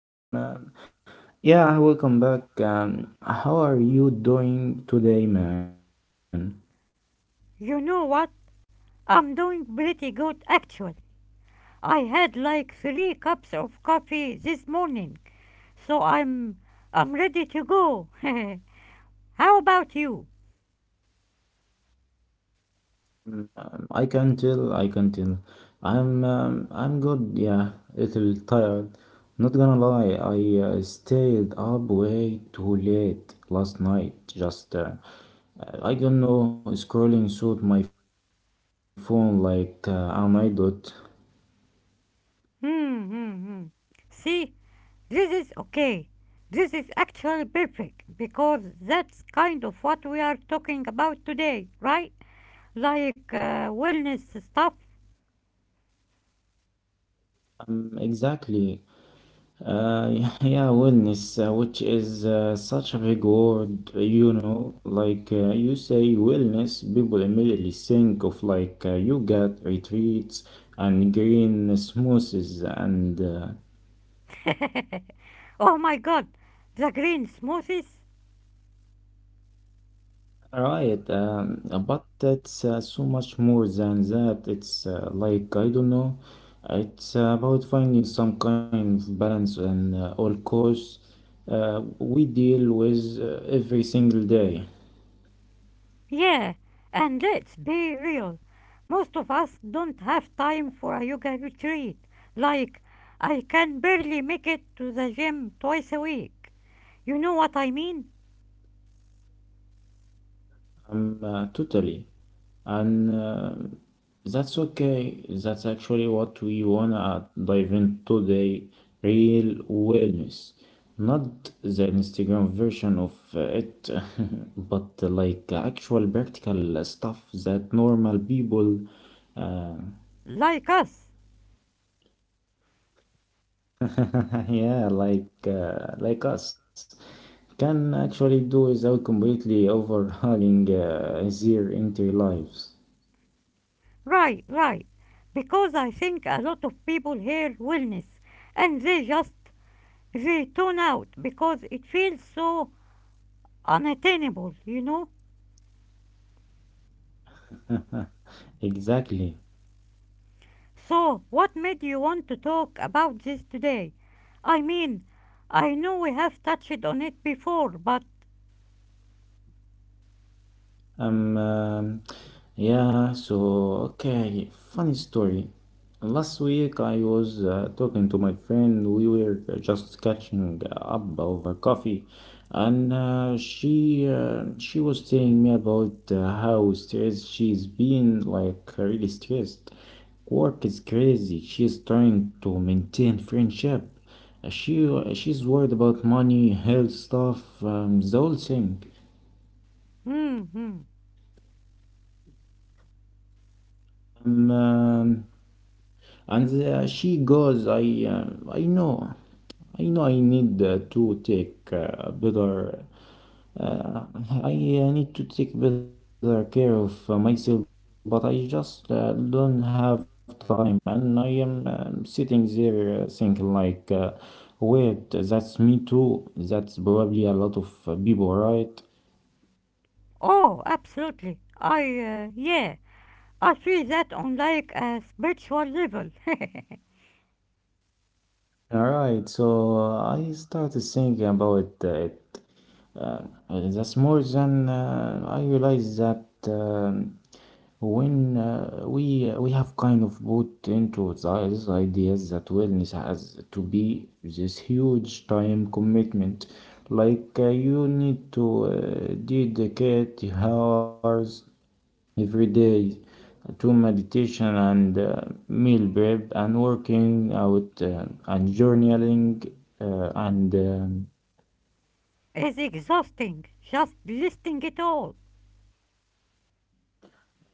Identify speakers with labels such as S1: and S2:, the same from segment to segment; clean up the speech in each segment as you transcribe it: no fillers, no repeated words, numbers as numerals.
S1: Um, uh, yeah, welcome back. How are you doing today, man?
S2: You know what? I'm doing pretty good actually. I had like three cups of coffee this morning, so I'm ready to go. How about you?
S1: I can tell. I can tell. I'm good. Yeah, little tired. Not gonna lie, I stayed up way too late last night. Just I don't know, scrolling through my phone like an idiot.
S2: Hmm, hmm, hmm. See, this is okay. This is actually perfect because that's kind of what we are talking about today, right? Like wellness stuff.
S1: Exactly. Uh, yeah, wellness, which is such a big word. Like you say wellness, people immediately think of like yoga retreats and green smoothies and
S2: Oh my God, the green smoothies?
S1: right. But that's so much more than that. It's like I don't know. It's about finding some kind of balance and all course we deal with every single day.
S2: Yeah, and let's be real. Most of us don't have time for a yoga retreat. Like, I can barely make it to the gym twice a week. You know what I mean?
S1: Totally. And that's okay. That's actually what we wanna dive into today. Real wellness. Not the Instagram version of it, but like actual practical stuff that normal people, uh,
S2: Like us.
S1: yeah, like us, can actually do without completely overhauling their entire lives.
S2: Right, right. Because I think a lot of people hear wellness and they just, they tune out because it feels so unattainable, you know?
S1: Exactly.
S2: So, what made you want to talk about this today? I mean, I know we have touched on it before, but.
S1: Um, um, yeah, so okay, funny story. Last week I was talking to my friend. We were just catching up over coffee, and she was telling me about how stressed she's been, like really stressed. Work is crazy. She's trying to maintain friendship. Uh, She she's worried about money, health stuff, the whole thing.
S2: Hmm, hmm.
S1: Um, um, And she goes, I know I need to take better, I need to take better care of myself, but I just don't have time. And I am sitting there thinking like, wait, that's me too. That's probably a lot of people, right?
S2: Oh, absolutely. Yeah, I feel that on like a spiritual level.
S1: All right, so I started thinking about it. Uh, that's more than I realized that when we have kind of bought into this idea that wellness has to be this huge time commitment, like you need to dedicate hours every day to meditation and meal prep and working out and journaling and
S2: It's exhausting, just listing it all.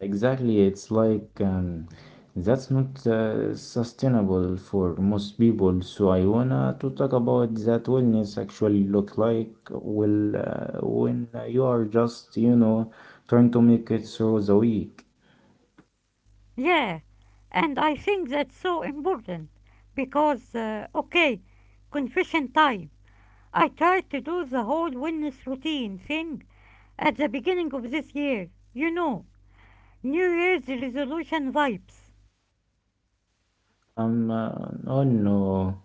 S1: exactly it's like that's not sustainable for most people. So I wanna to talk about that wellness actually look like well when you are just trying to make it through the week.
S2: Yeah, and I think that's so important because, okay, confession time. I tried to do the whole wellness routine thing at the beginning of this year. You know, New Year's resolution vibes.
S1: Oh no.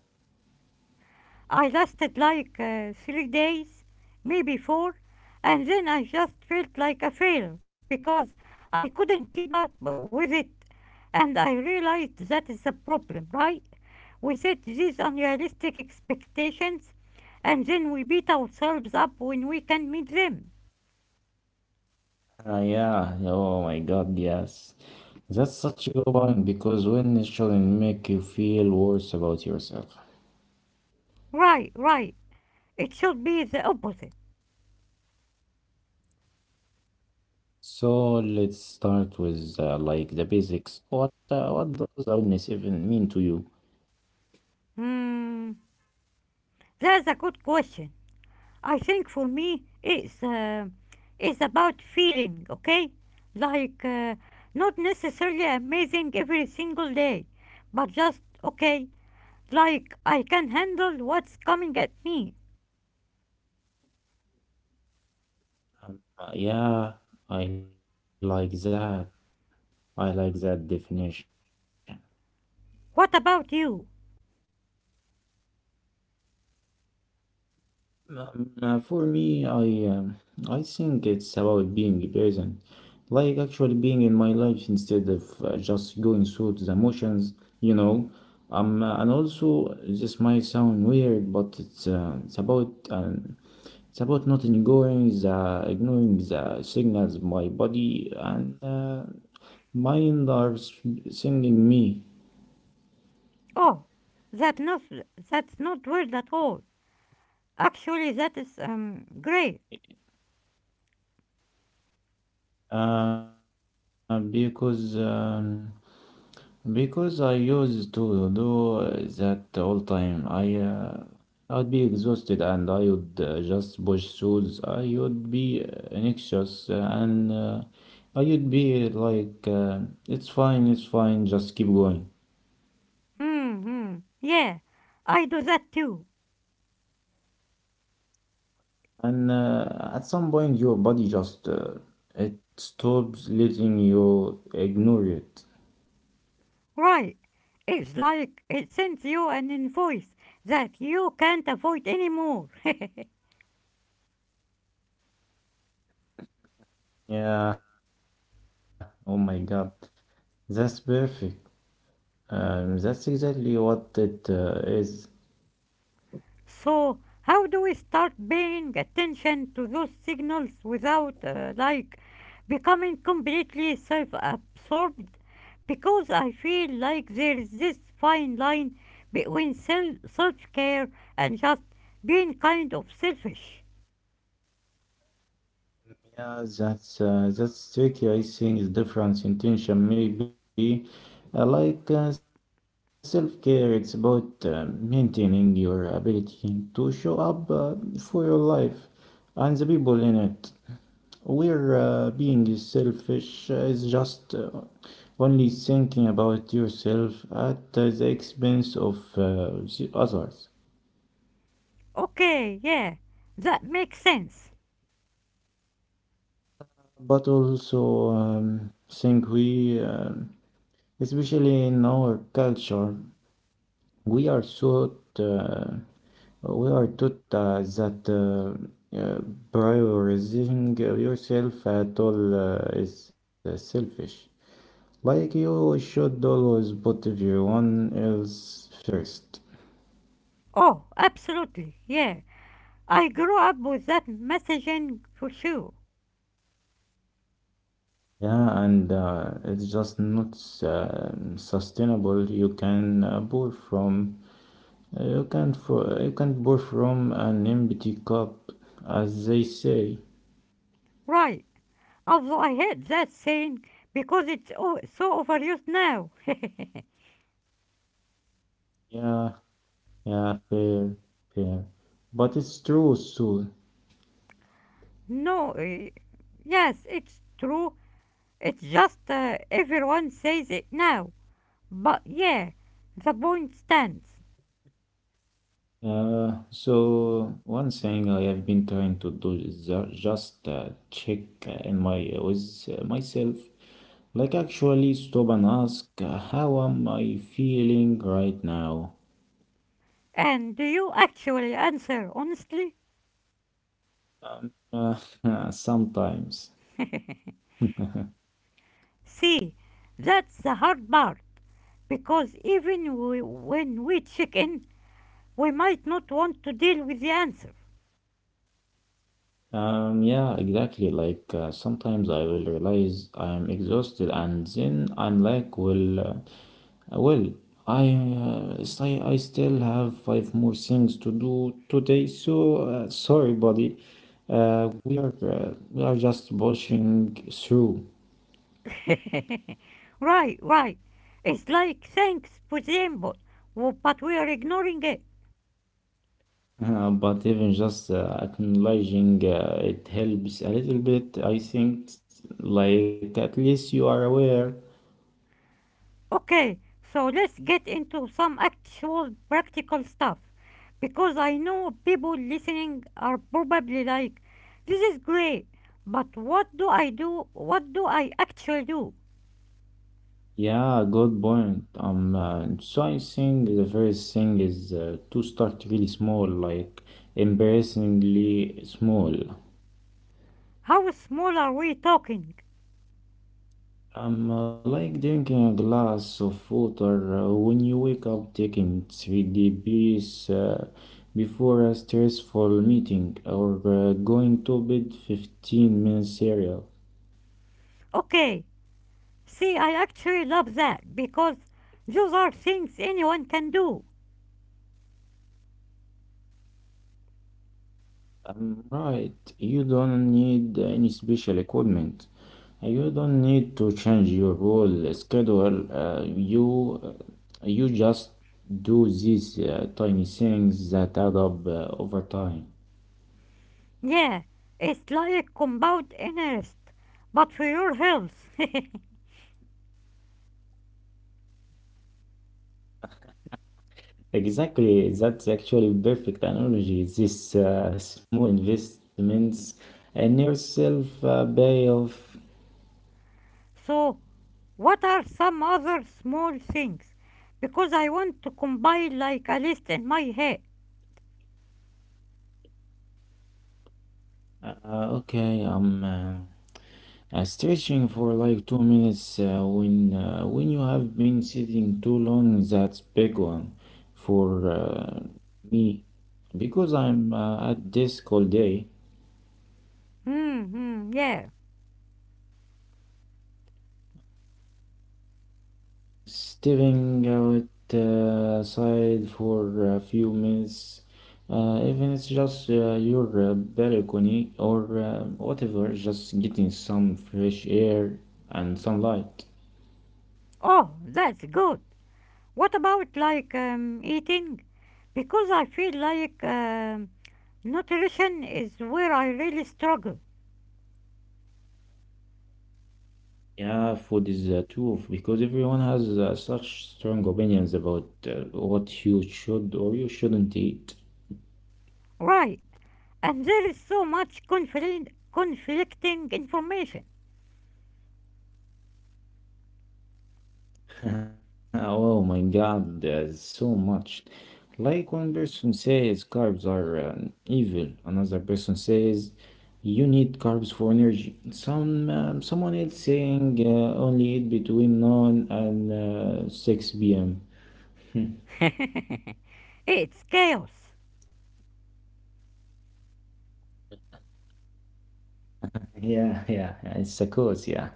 S2: I lasted like 3 days, maybe four, and then I just felt like a failure because I couldn't keep up with it. And I realized that is a problem, right? We set these unrealistic expectations and then we beat ourselves up when we can not meet them.
S1: Yeah, oh my God, yes. That's such a good point because wellness shouldn't make you feel worse about yourself.
S2: Right, right. It should be the opposite.
S1: So let's start with like the basics. What does wellness even mean to you?
S2: Hmm, that's a good question. I think for me, it's about feeling, okay? Like not necessarily amazing every single day, but just okay. Like I can handle what's coming at me.
S1: Yeah, I like that. I like that definition.
S2: What about you?
S1: For me, I think it's about being present, like actually being in my life instead of just going through the motions, you know. And also this might sound weird, but it's about not ignoring the ignoring the signals my body and mind are sending me,
S2: Oh, that not that's not weird at all. Actually, that is great.
S1: because. Because I used to do that all time. I'd be exhausted and I would just push shoes. I would be anxious and I would be like, it's fine, just keep going.
S2: Hmm, hmm. Yeah, I do that too.
S1: And at some point, your body just it stops letting you ignore it.
S2: Right. It's like it sends you an invoice that you can't avoid anymore.
S1: Yeah. Oh my God, that's perfect. That's exactly what it is.
S2: So, how do we start paying attention to those signals without, like, becoming completely self absorbed? Because I feel like there's this fine line between self care and just being kind of selfish.
S1: Yeah, that's tricky. I think it's different intention, maybe like self-care. It's about maintaining your ability to show up for your life and the people in it. Where being selfish is just only thinking about yourself at the expense of the others.
S2: Okay, yeah, that makes sense.
S1: But also, think we, especially in our culture, we are so uh, we are taught that prioritizing yourself at all is selfish. Like you should always put everyone else first.
S2: Oh, absolutely, yeah. I grew up with that messaging for sure.
S1: Yeah, and it's just not sustainable. You can for you can pour from an empty cup, as they say.
S2: Right. Although I hate that saying because it's so overused now.
S1: Yeah, yeah, fair, fair. But it's true, Sue.
S2: No, yes, it's true. It's just everyone says it now. But yeah, the point stands.
S1: So one thing I have been trying to do is just check in my with myself, like actually stop and ask, how am I feeling right now?
S2: And do you actually answer honestly?
S1: Sometimes.
S2: See, that's the hard part because even we, when we check in, we might not want to deal with the answer.
S1: Yeah, exactly. Like sometimes I will realize I'm exhausted, and then I'm like, well, I still have 5 more things to do today, so sorry, buddy. We are just pushing through,
S2: Right, right. It's like thanks, for the input, but we are ignoring it.
S1: but even just acknowledging it helps a little bit. I think, like at least you are aware.
S2: Okay, so let's get into some actual practical stuff. Because I know people listening are probably like, this is great, but what do I do? What do I actually do?
S1: Yeah, good point. So I think the first thing is to start really small, like embarrassingly small.
S2: How small are we talking?
S1: I'm Like drinking a glass of water when you wake up, taking 3D uh, before a stressful meeting, or going to bed 15 minutes cereal.
S2: Okay, see, I actually love that because those are things anyone can do.
S1: I'm right, you don't need any special equipment. You don't need to change your whole schedule. You just do these tiny things that add up over time.
S2: Yeah, it's like compound interest, but for your health.
S1: Exactly, that's actually perfect analogy. This small investments in yourself pay off.
S2: So, what are some other small things? Because I want to combine like a list in my head.
S1: Okay, I'm stretching for like 2 minutes when when you have been sitting too long. That's big one for me because I'm at desk all day.
S2: Hmm, hmm, yeah.
S1: Stepping out side for a few minutes, even it's just your balcony or whatever, just getting some fresh air and sunlight.
S2: Oh, that's good. What about like eating? Because I feel like nutrition is where I really struggle.
S1: Yeah, food is a tool because everyone has such strong opinions about what you should or you shouldn't eat.
S2: Right, and there is so much conflicting information.
S1: Oh my God, there's so much. Like one person says carbs are evil, another person says you need carbs for energy. Some someone else saying only eat between 9 and 6 p.m.
S2: It's chaos.
S1: Yeah, yeah, yeah, it's a cause, yeah.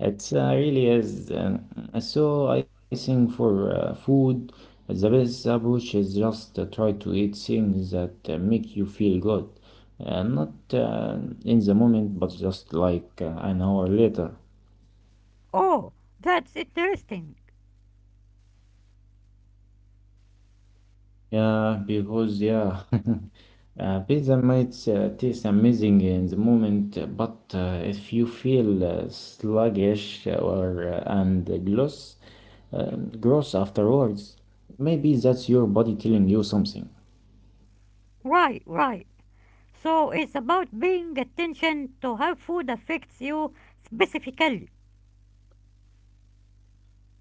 S1: It really is. So I think for food, the best approach is just try to eat things that make you feel good. Not in the moment, but just like an hour later.
S2: Oh, that's interesting.
S1: Yeah, because yeah, pizza might taste amazing in the moment, but if you feel sluggish or and gross, gross afterwards, maybe that's your body telling you something.
S2: Right, right. So it's about being attention to how food affects you specifically.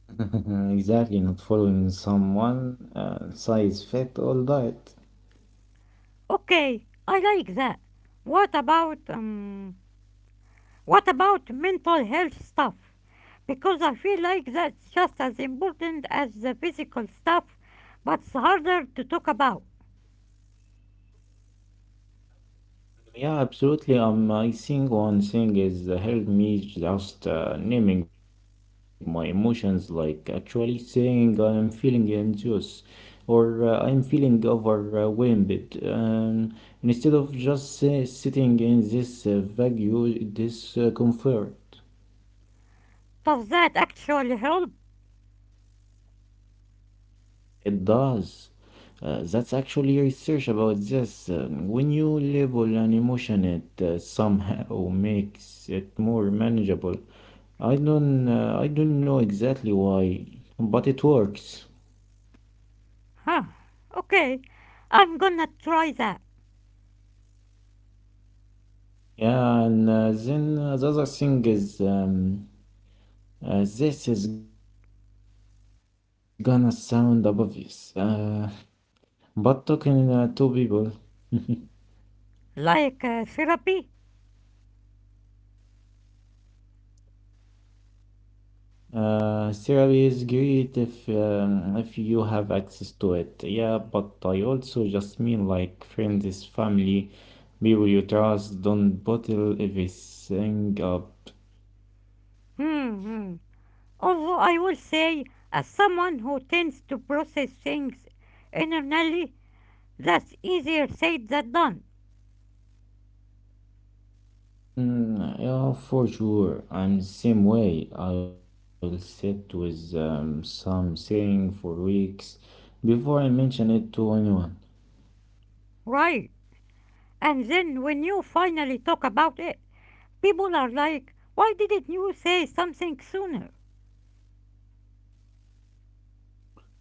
S1: Exactly, not following someone size fit all diet.
S2: Okay, I like that. What about um what about mental health stuff? Because I feel like that's just as important as the physical stuff, but it's harder to talk about.
S1: Yeah, absolutely. I think one thing is helped me just naming my emotions, like actually saying I'm feeling anxious or I'm feeling overwhelmed. Instead of just sitting in this vague discomfort.
S2: Does that actually help?
S1: It does. That's actually research about this. When you label an emotion, it somehow makes it more manageable. I don't know exactly why, but it works.
S2: Huh. Okay. I'm gonna try that.
S1: Yeah, and then the other thing is, this is gonna sound obvious, but talking to people.
S2: Like therapy.
S1: Therapy is great if you have access to it. Yeah, but I also just mean like friends, family, people you trust. Don't bottle everything up.
S2: Hmm, hmm. Although I will say, as someone who tends to process things internally, that's easier said than done,
S1: Mm, yeah, for sure. I'm the same way. I'll sit with something for weeks before I mention it to anyone.
S2: right? And then when you finally talk about it, people are like, why didn't you say something sooner?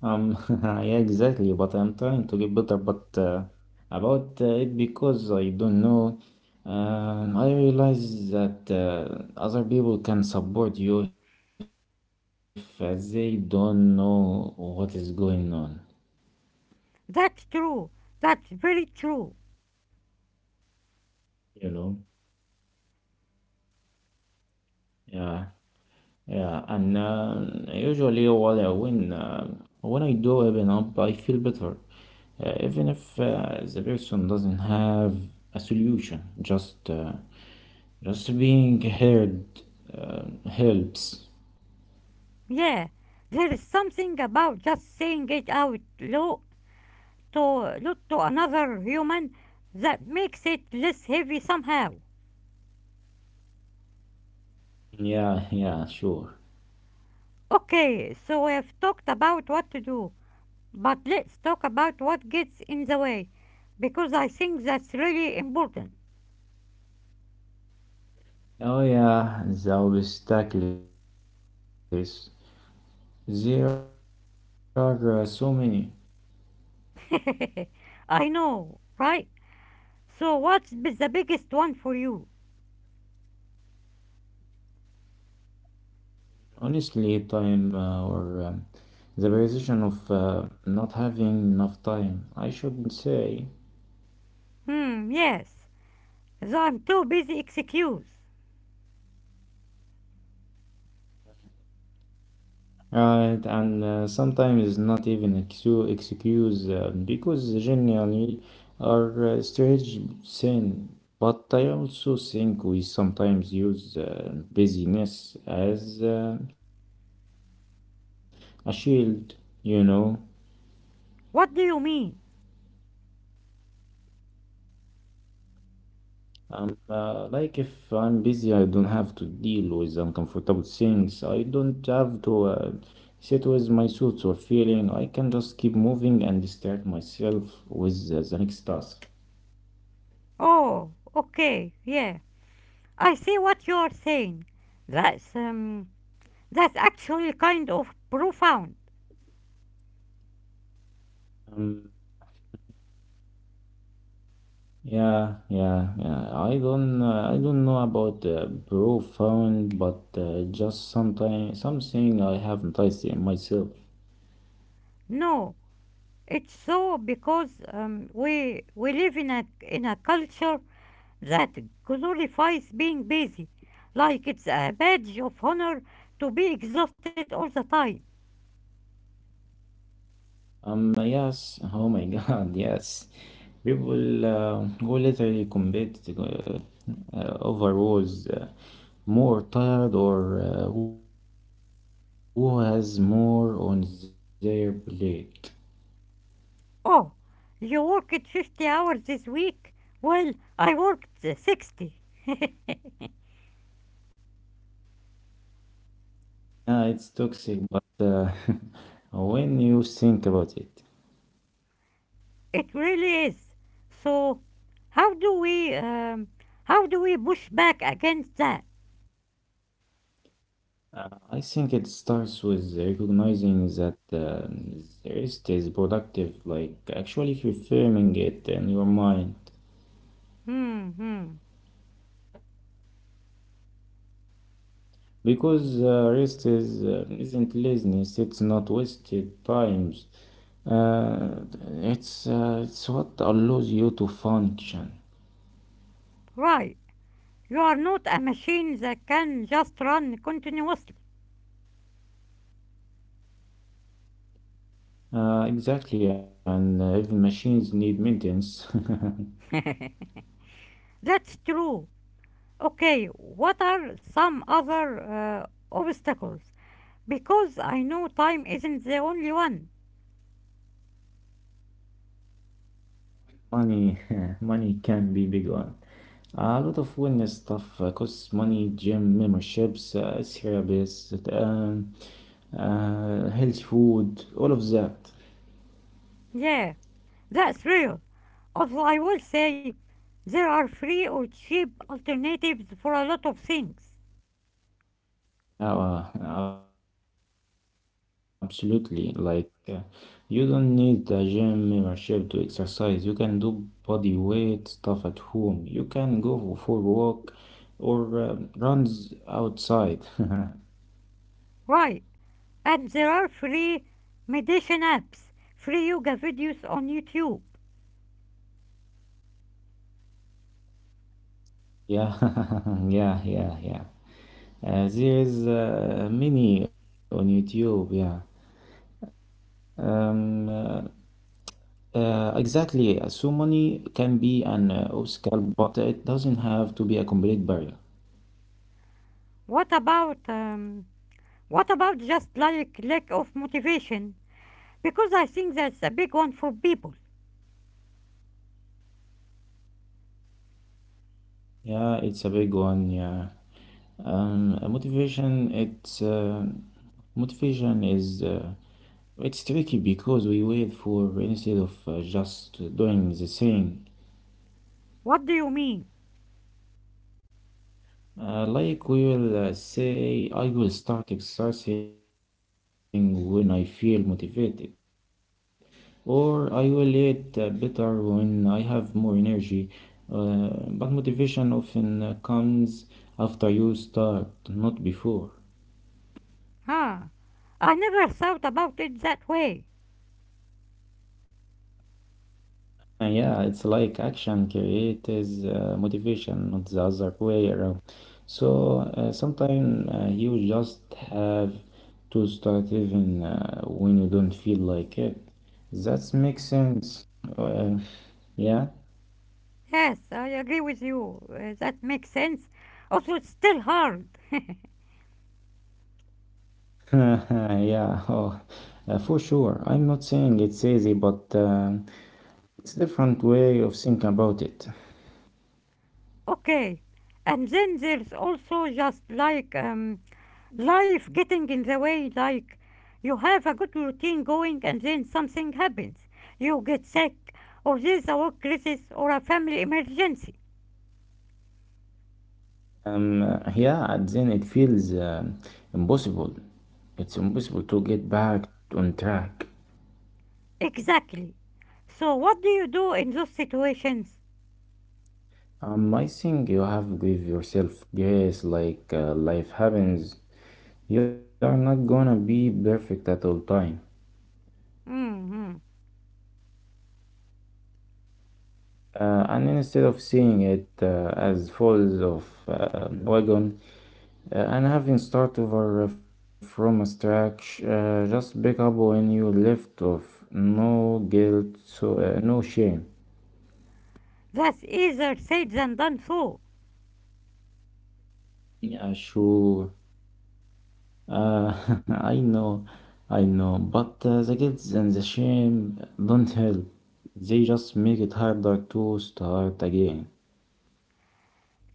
S1: Um, yeah, exactly. But I'm trying to get better, but about it because I don't know. I realize that other people can support you if they don't know what is going on.
S2: That's true. That's very true.
S1: You know? Yeah, yeah. And usually, what I- when I do open up, I feel better, even if the person doesn't have a solution. Just being heard uh, helps.
S2: Yeah, there is something about just saying it out loud to look to another human that makes it less heavy somehow.
S1: Yeah, yeah, sure.
S2: Okay, so we have talked about what to do, but let's talk about what gets in the way, because I think that's really important.
S1: Oh, yeah, the obstacles. There are so many.
S2: I know, right? So, what's the biggest one for you?
S1: Honestly, time, or the position of not having enough time, I should say.
S2: Hmm, yes, the I'm too busy excuse.
S1: Right, and sometimes it's not even excuse because generally are strange sin. But I also think we sometimes use busyness as a shield, you know.
S2: What do you mean?
S1: Like if I'm busy, I don't have to deal with uncomfortable things. I don't have to sit with my thoughts or feeling. I can just keep moving and distract myself with the next task.
S2: Oh, okay, yeah, I see what you're saying. That's, um, that's actually kind of profound.
S1: Um, yeah, yeah, yeah. I don't know about profound, but just sometime something I haven't tasted in myself.
S2: No, it's so because we live in a culture that glorifies being busy, like it's a badge of honor to be exhausted all the time.
S1: Yes. Oh my God, yes. People who literally compete over who's more tired or who has more on their plate.
S2: Oh, you worked 50 hours this week? Well, I worked 60.
S1: Yeah, it's toxic, but when you think about it.
S2: It really is. So, how do we um, how do we push back against that?
S1: I think it starts with recognizing that the rest is productive, like actually reframing it in your mind.
S2: Hmm, hmm.
S1: Because rest is, isn't laziness, it's not wasted times. Uh, it's what allows you to function.
S2: Right. You are not a machine that can just run continuously.
S1: Exactly, and even machines need maintenance.
S2: That's true. Okay, what are some other obstacles? Because I know time isn't the only one.
S1: Money, money can be big one. A lot of wellness stuff costs money, gym memberships, therapists, healthy food, all of that.
S2: Yeah, that's real. Although I will say there are free or cheap alternatives for a lot of things.
S1: Absolutely. You don't need a gym membership to exercise. You can do body weight stuff at home. You can go for a walk or runs outside.
S2: Right, and there are free meditation apps, free yoga videos on YouTube.
S1: Yeah, yeah, yeah, yeah. There's many on YouTube, yeah. Um, uh, exactly. So money can be an obstacle, but it doesn't have to be a complete barrier.
S2: What about um, what about just like lack of motivation? Because I think that's a big one for people.
S1: Yeah, it's a big one. Yeah. Motivation. It's motivation is It's tricky because we wait for instead of just doing the same.
S2: What do you mean?
S1: Like we will say, I will start exercising when I feel motivated, or I will eat better when I have more energy. But motivation often comes after you start, not before.
S2: Huh? I never thought about it that way.
S1: And yeah, it's like action creates motivation, not the other way around. So sometimes you just have to start even when you don't feel like it. That makes sense. Uh, yeah,
S2: Yes, I agree with you. That makes sense. Also, it's still hard.
S1: yeah, oh, for sure. I'm not saying it's easy, but it's a different way of thinking about it.
S2: Okay. And then there's also just like life getting in the way, like you have a good routine going and then something happens. You get sick, or there's a work crisis, or a family emergency.
S1: Yeah, and then it feels impossible. It's impossible to get back on track.
S2: Exactly. So, what do you do in those situations?
S1: I think you have to give yourself grace like life happens. You are not gonna be perfect at all time.
S2: Hmm.
S1: And instead of seeing it as falls of wagon and having start over from a scratch, just pick up when you left off. No guilt, so no shame.
S2: That's easier said than done, though.
S1: Yeah, sure. Uh, I know, I know, but the guilt and the shame don't help. They just make it harder to start again.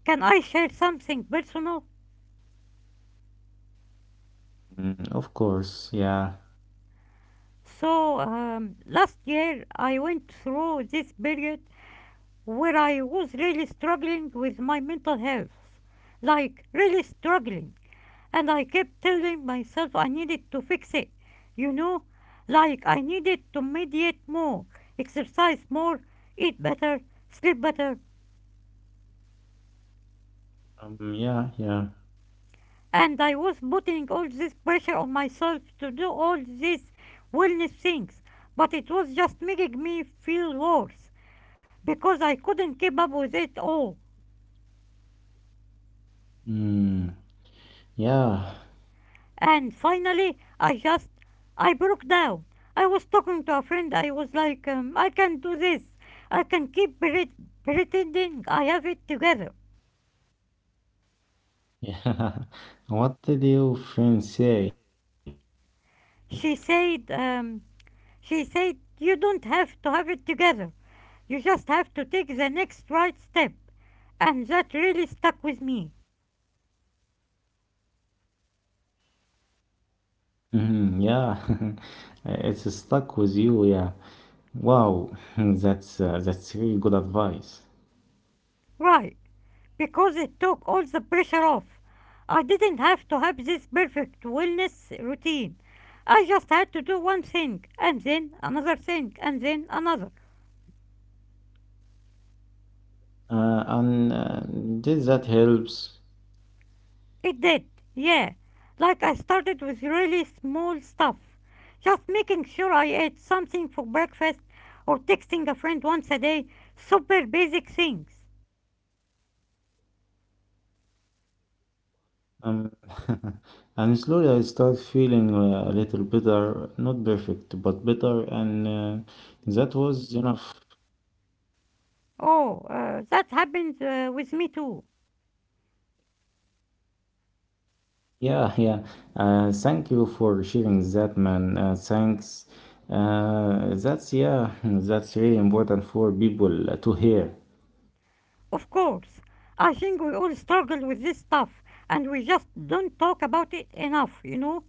S2: Can I share something personal?
S1: Mm, of course, yeah.
S2: So, last year I went through this period where I was really struggling with my mental health. Like, really struggling. And I kept telling myself I needed to fix it. You know, like I needed to meditate more, exercise more, eat better, sleep better,
S1: Yeah, yeah.
S2: and I was putting all this pressure on myself to do all these wellness things, but it was just making me feel worse because I couldn't keep up with it all.
S1: Mm, yeah,
S2: And finally, I just I broke down. I was talking to a friend. I was like, I can do this. I can keep pretending I have it together.
S1: yeah. What did your friend say?
S2: She said, you don't have to have it together. You just have to take the next right step. And that really stuck with me.
S1: Mhm, yeah, it's stuck with you, yeah. Wow, that's really good advice.
S2: Right, because it took all the pressure off. I didn't have to have this perfect wellness routine. I just had to do one thing, and then another thing, and then another.
S1: And did that helps?
S2: It did, yeah. Like I started with really small stuff. Just making sure I ate something for breakfast or texting a friend once a day. Super basic things.
S1: Um, and slowly I start feeling a little better, not perfect, but better, and that was enough.
S2: Oh, that happened with me too.
S1: Yeah, yeah. Thank you for sharing that, man. Thanks. That's yeah, that's really important for people to hear.
S2: Of course. I think we all struggle with this stuff, and we just don't talk about it enough, you know?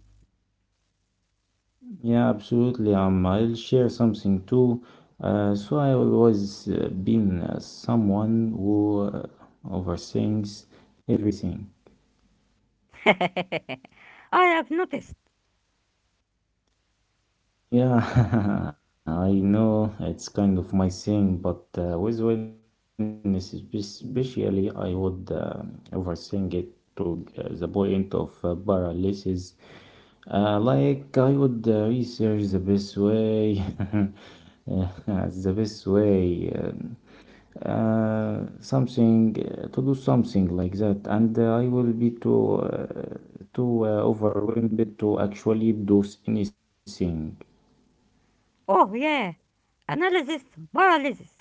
S1: Yeah, absolutely. I'll share something too. So I always been someone who overthinks everything.
S2: I have noticed.
S1: Yeah, I know it's kind of my thing, but with wellness especially, I would overthink it to the point of paralysis. Like I would research the best way, uh, the best way, um, something to do something like that, and I will be too overwhelmed to actually do anything.
S2: Oh, yeah. Analysis paralysis.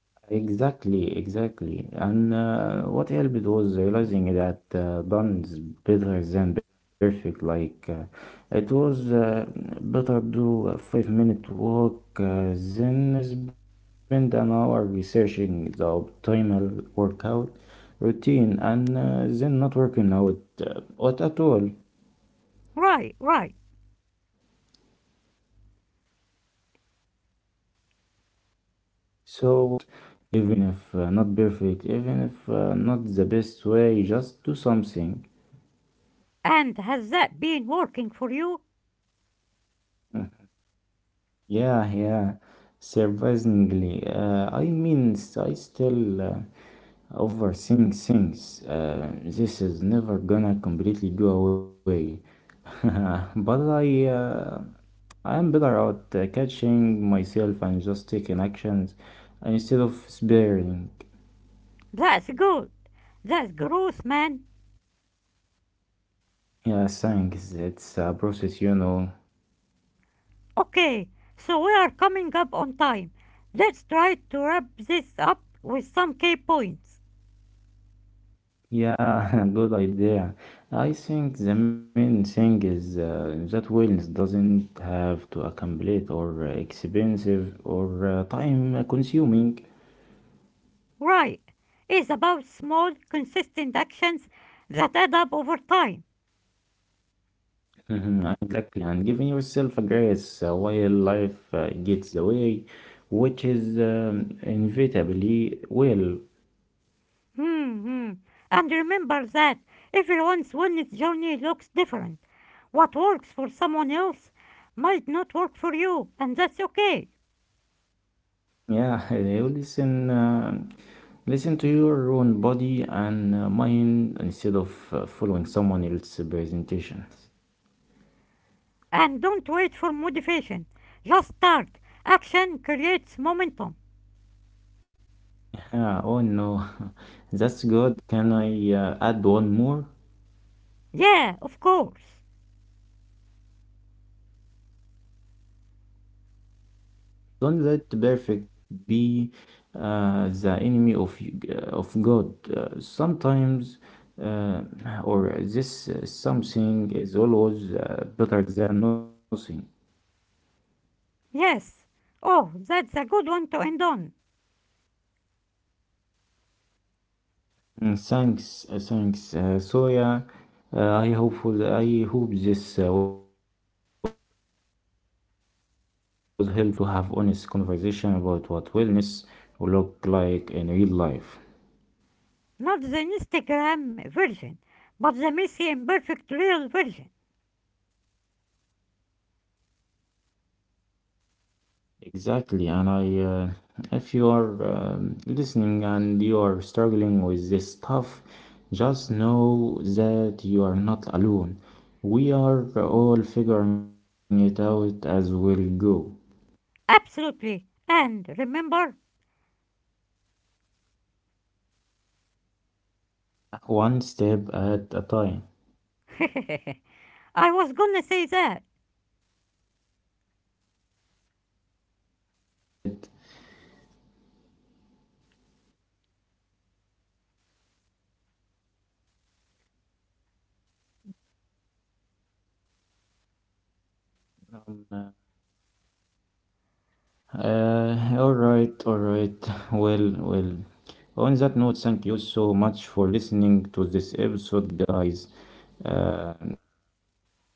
S1: Exactly, exactly. And what helped was realizing that done is better than perfect. Like, it was Better do a 5-minute walk than spend an hour researching the optimal workout routine and then not working out what at all.
S2: Right, right.
S1: So now I try to just start, even if not perfect, even if not the best way, just do something.
S2: And has that been working for you?
S1: Yeah, yeah, surprisingly. I mean, I still overthink things. This is never gonna completely go away. But I am better at catching myself and just taking actions instead of sparing.
S2: That's good. That's gross, man.
S1: Yeah, thanks. It's a process, you know.
S2: Okay, so we are coming up on time. Let's try to wrap this up with some key points.
S1: Yeah, good idea. I think the main thing is that wellness doesn't have to a complete or expensive or time consuming.
S2: Right. It's about small, consistent actions that add up over time.
S1: Mhm, exactly, and giving yourself a grace while life gets away, which is inevitably will.
S2: Hmm, hmm. And remember that everyone's wellness journey looks different. What works for someone else might not work for you, and that's okay.
S1: Yeah, you listen. Listen to your own body and mind instead of following someone else's presentations.
S2: And don't wait for motivation. Just start. Action creates momentum.
S1: Yeah, oh no, that's good. Can I add one more?
S2: Yeah, of course.
S1: Don't let perfect be the enemy of of God. Sometimes, uh, or this something is always better than nothing.
S2: Yes. Oh, that's a good one to end on.
S1: Mm, thanks, thanks. So yeah, I hope this was helpful for everyone listening. We really just wanna to have honest conversation about what wellness looked
S2: Not the
S1: like in real life.
S2: Instagram version, but the messy, imperfect, real version.
S1: Exactly, and if you are listening and you are struggling with this stuff, just know that you are not alone. We are all figuring it out as we go.
S2: Absolutely. And remember,
S1: One step at a time.
S2: I was gonna say that.
S1: Yeah, sorry, sorry. Go ahead. Um, all right, Well. On that note, thank you so much for listening to this episode, guys,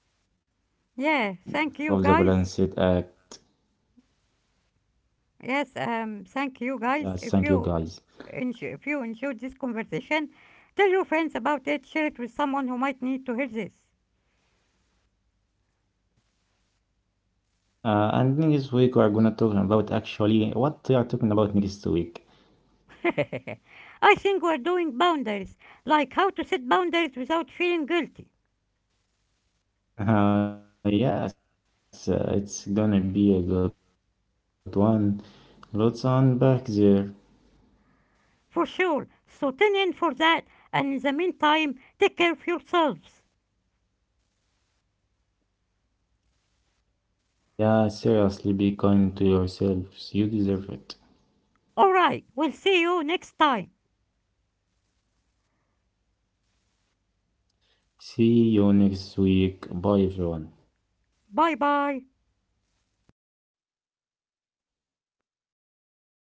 S1: uh,
S2: Yeah, thank you
S1: of the
S2: guys.
S1: Balanced Act.
S2: Yes, thank you guys. If you enjoy,
S1: Yeah,
S2: if you
S1: thank you,
S2: enjoyed this
S1: guys.
S2: conversation, tell your friends about it. Share it with someone who might need to hear this.
S1: And next week we are gonna talk about actually what we are talking about next week.
S2: I think we're doing boundaries, like how to set boundaries without feeling guilty,
S1: Yes, it's gonna be a good one. Lots on back there.
S2: for sure. So tune in for that, and in the meantime, take care of yourselves.
S1: Yeah, seriously, be kind to yourselves. You deserve it.
S2: All right, we'll see you next time.
S1: See you next week. Bye, everyone.
S2: Bye bye.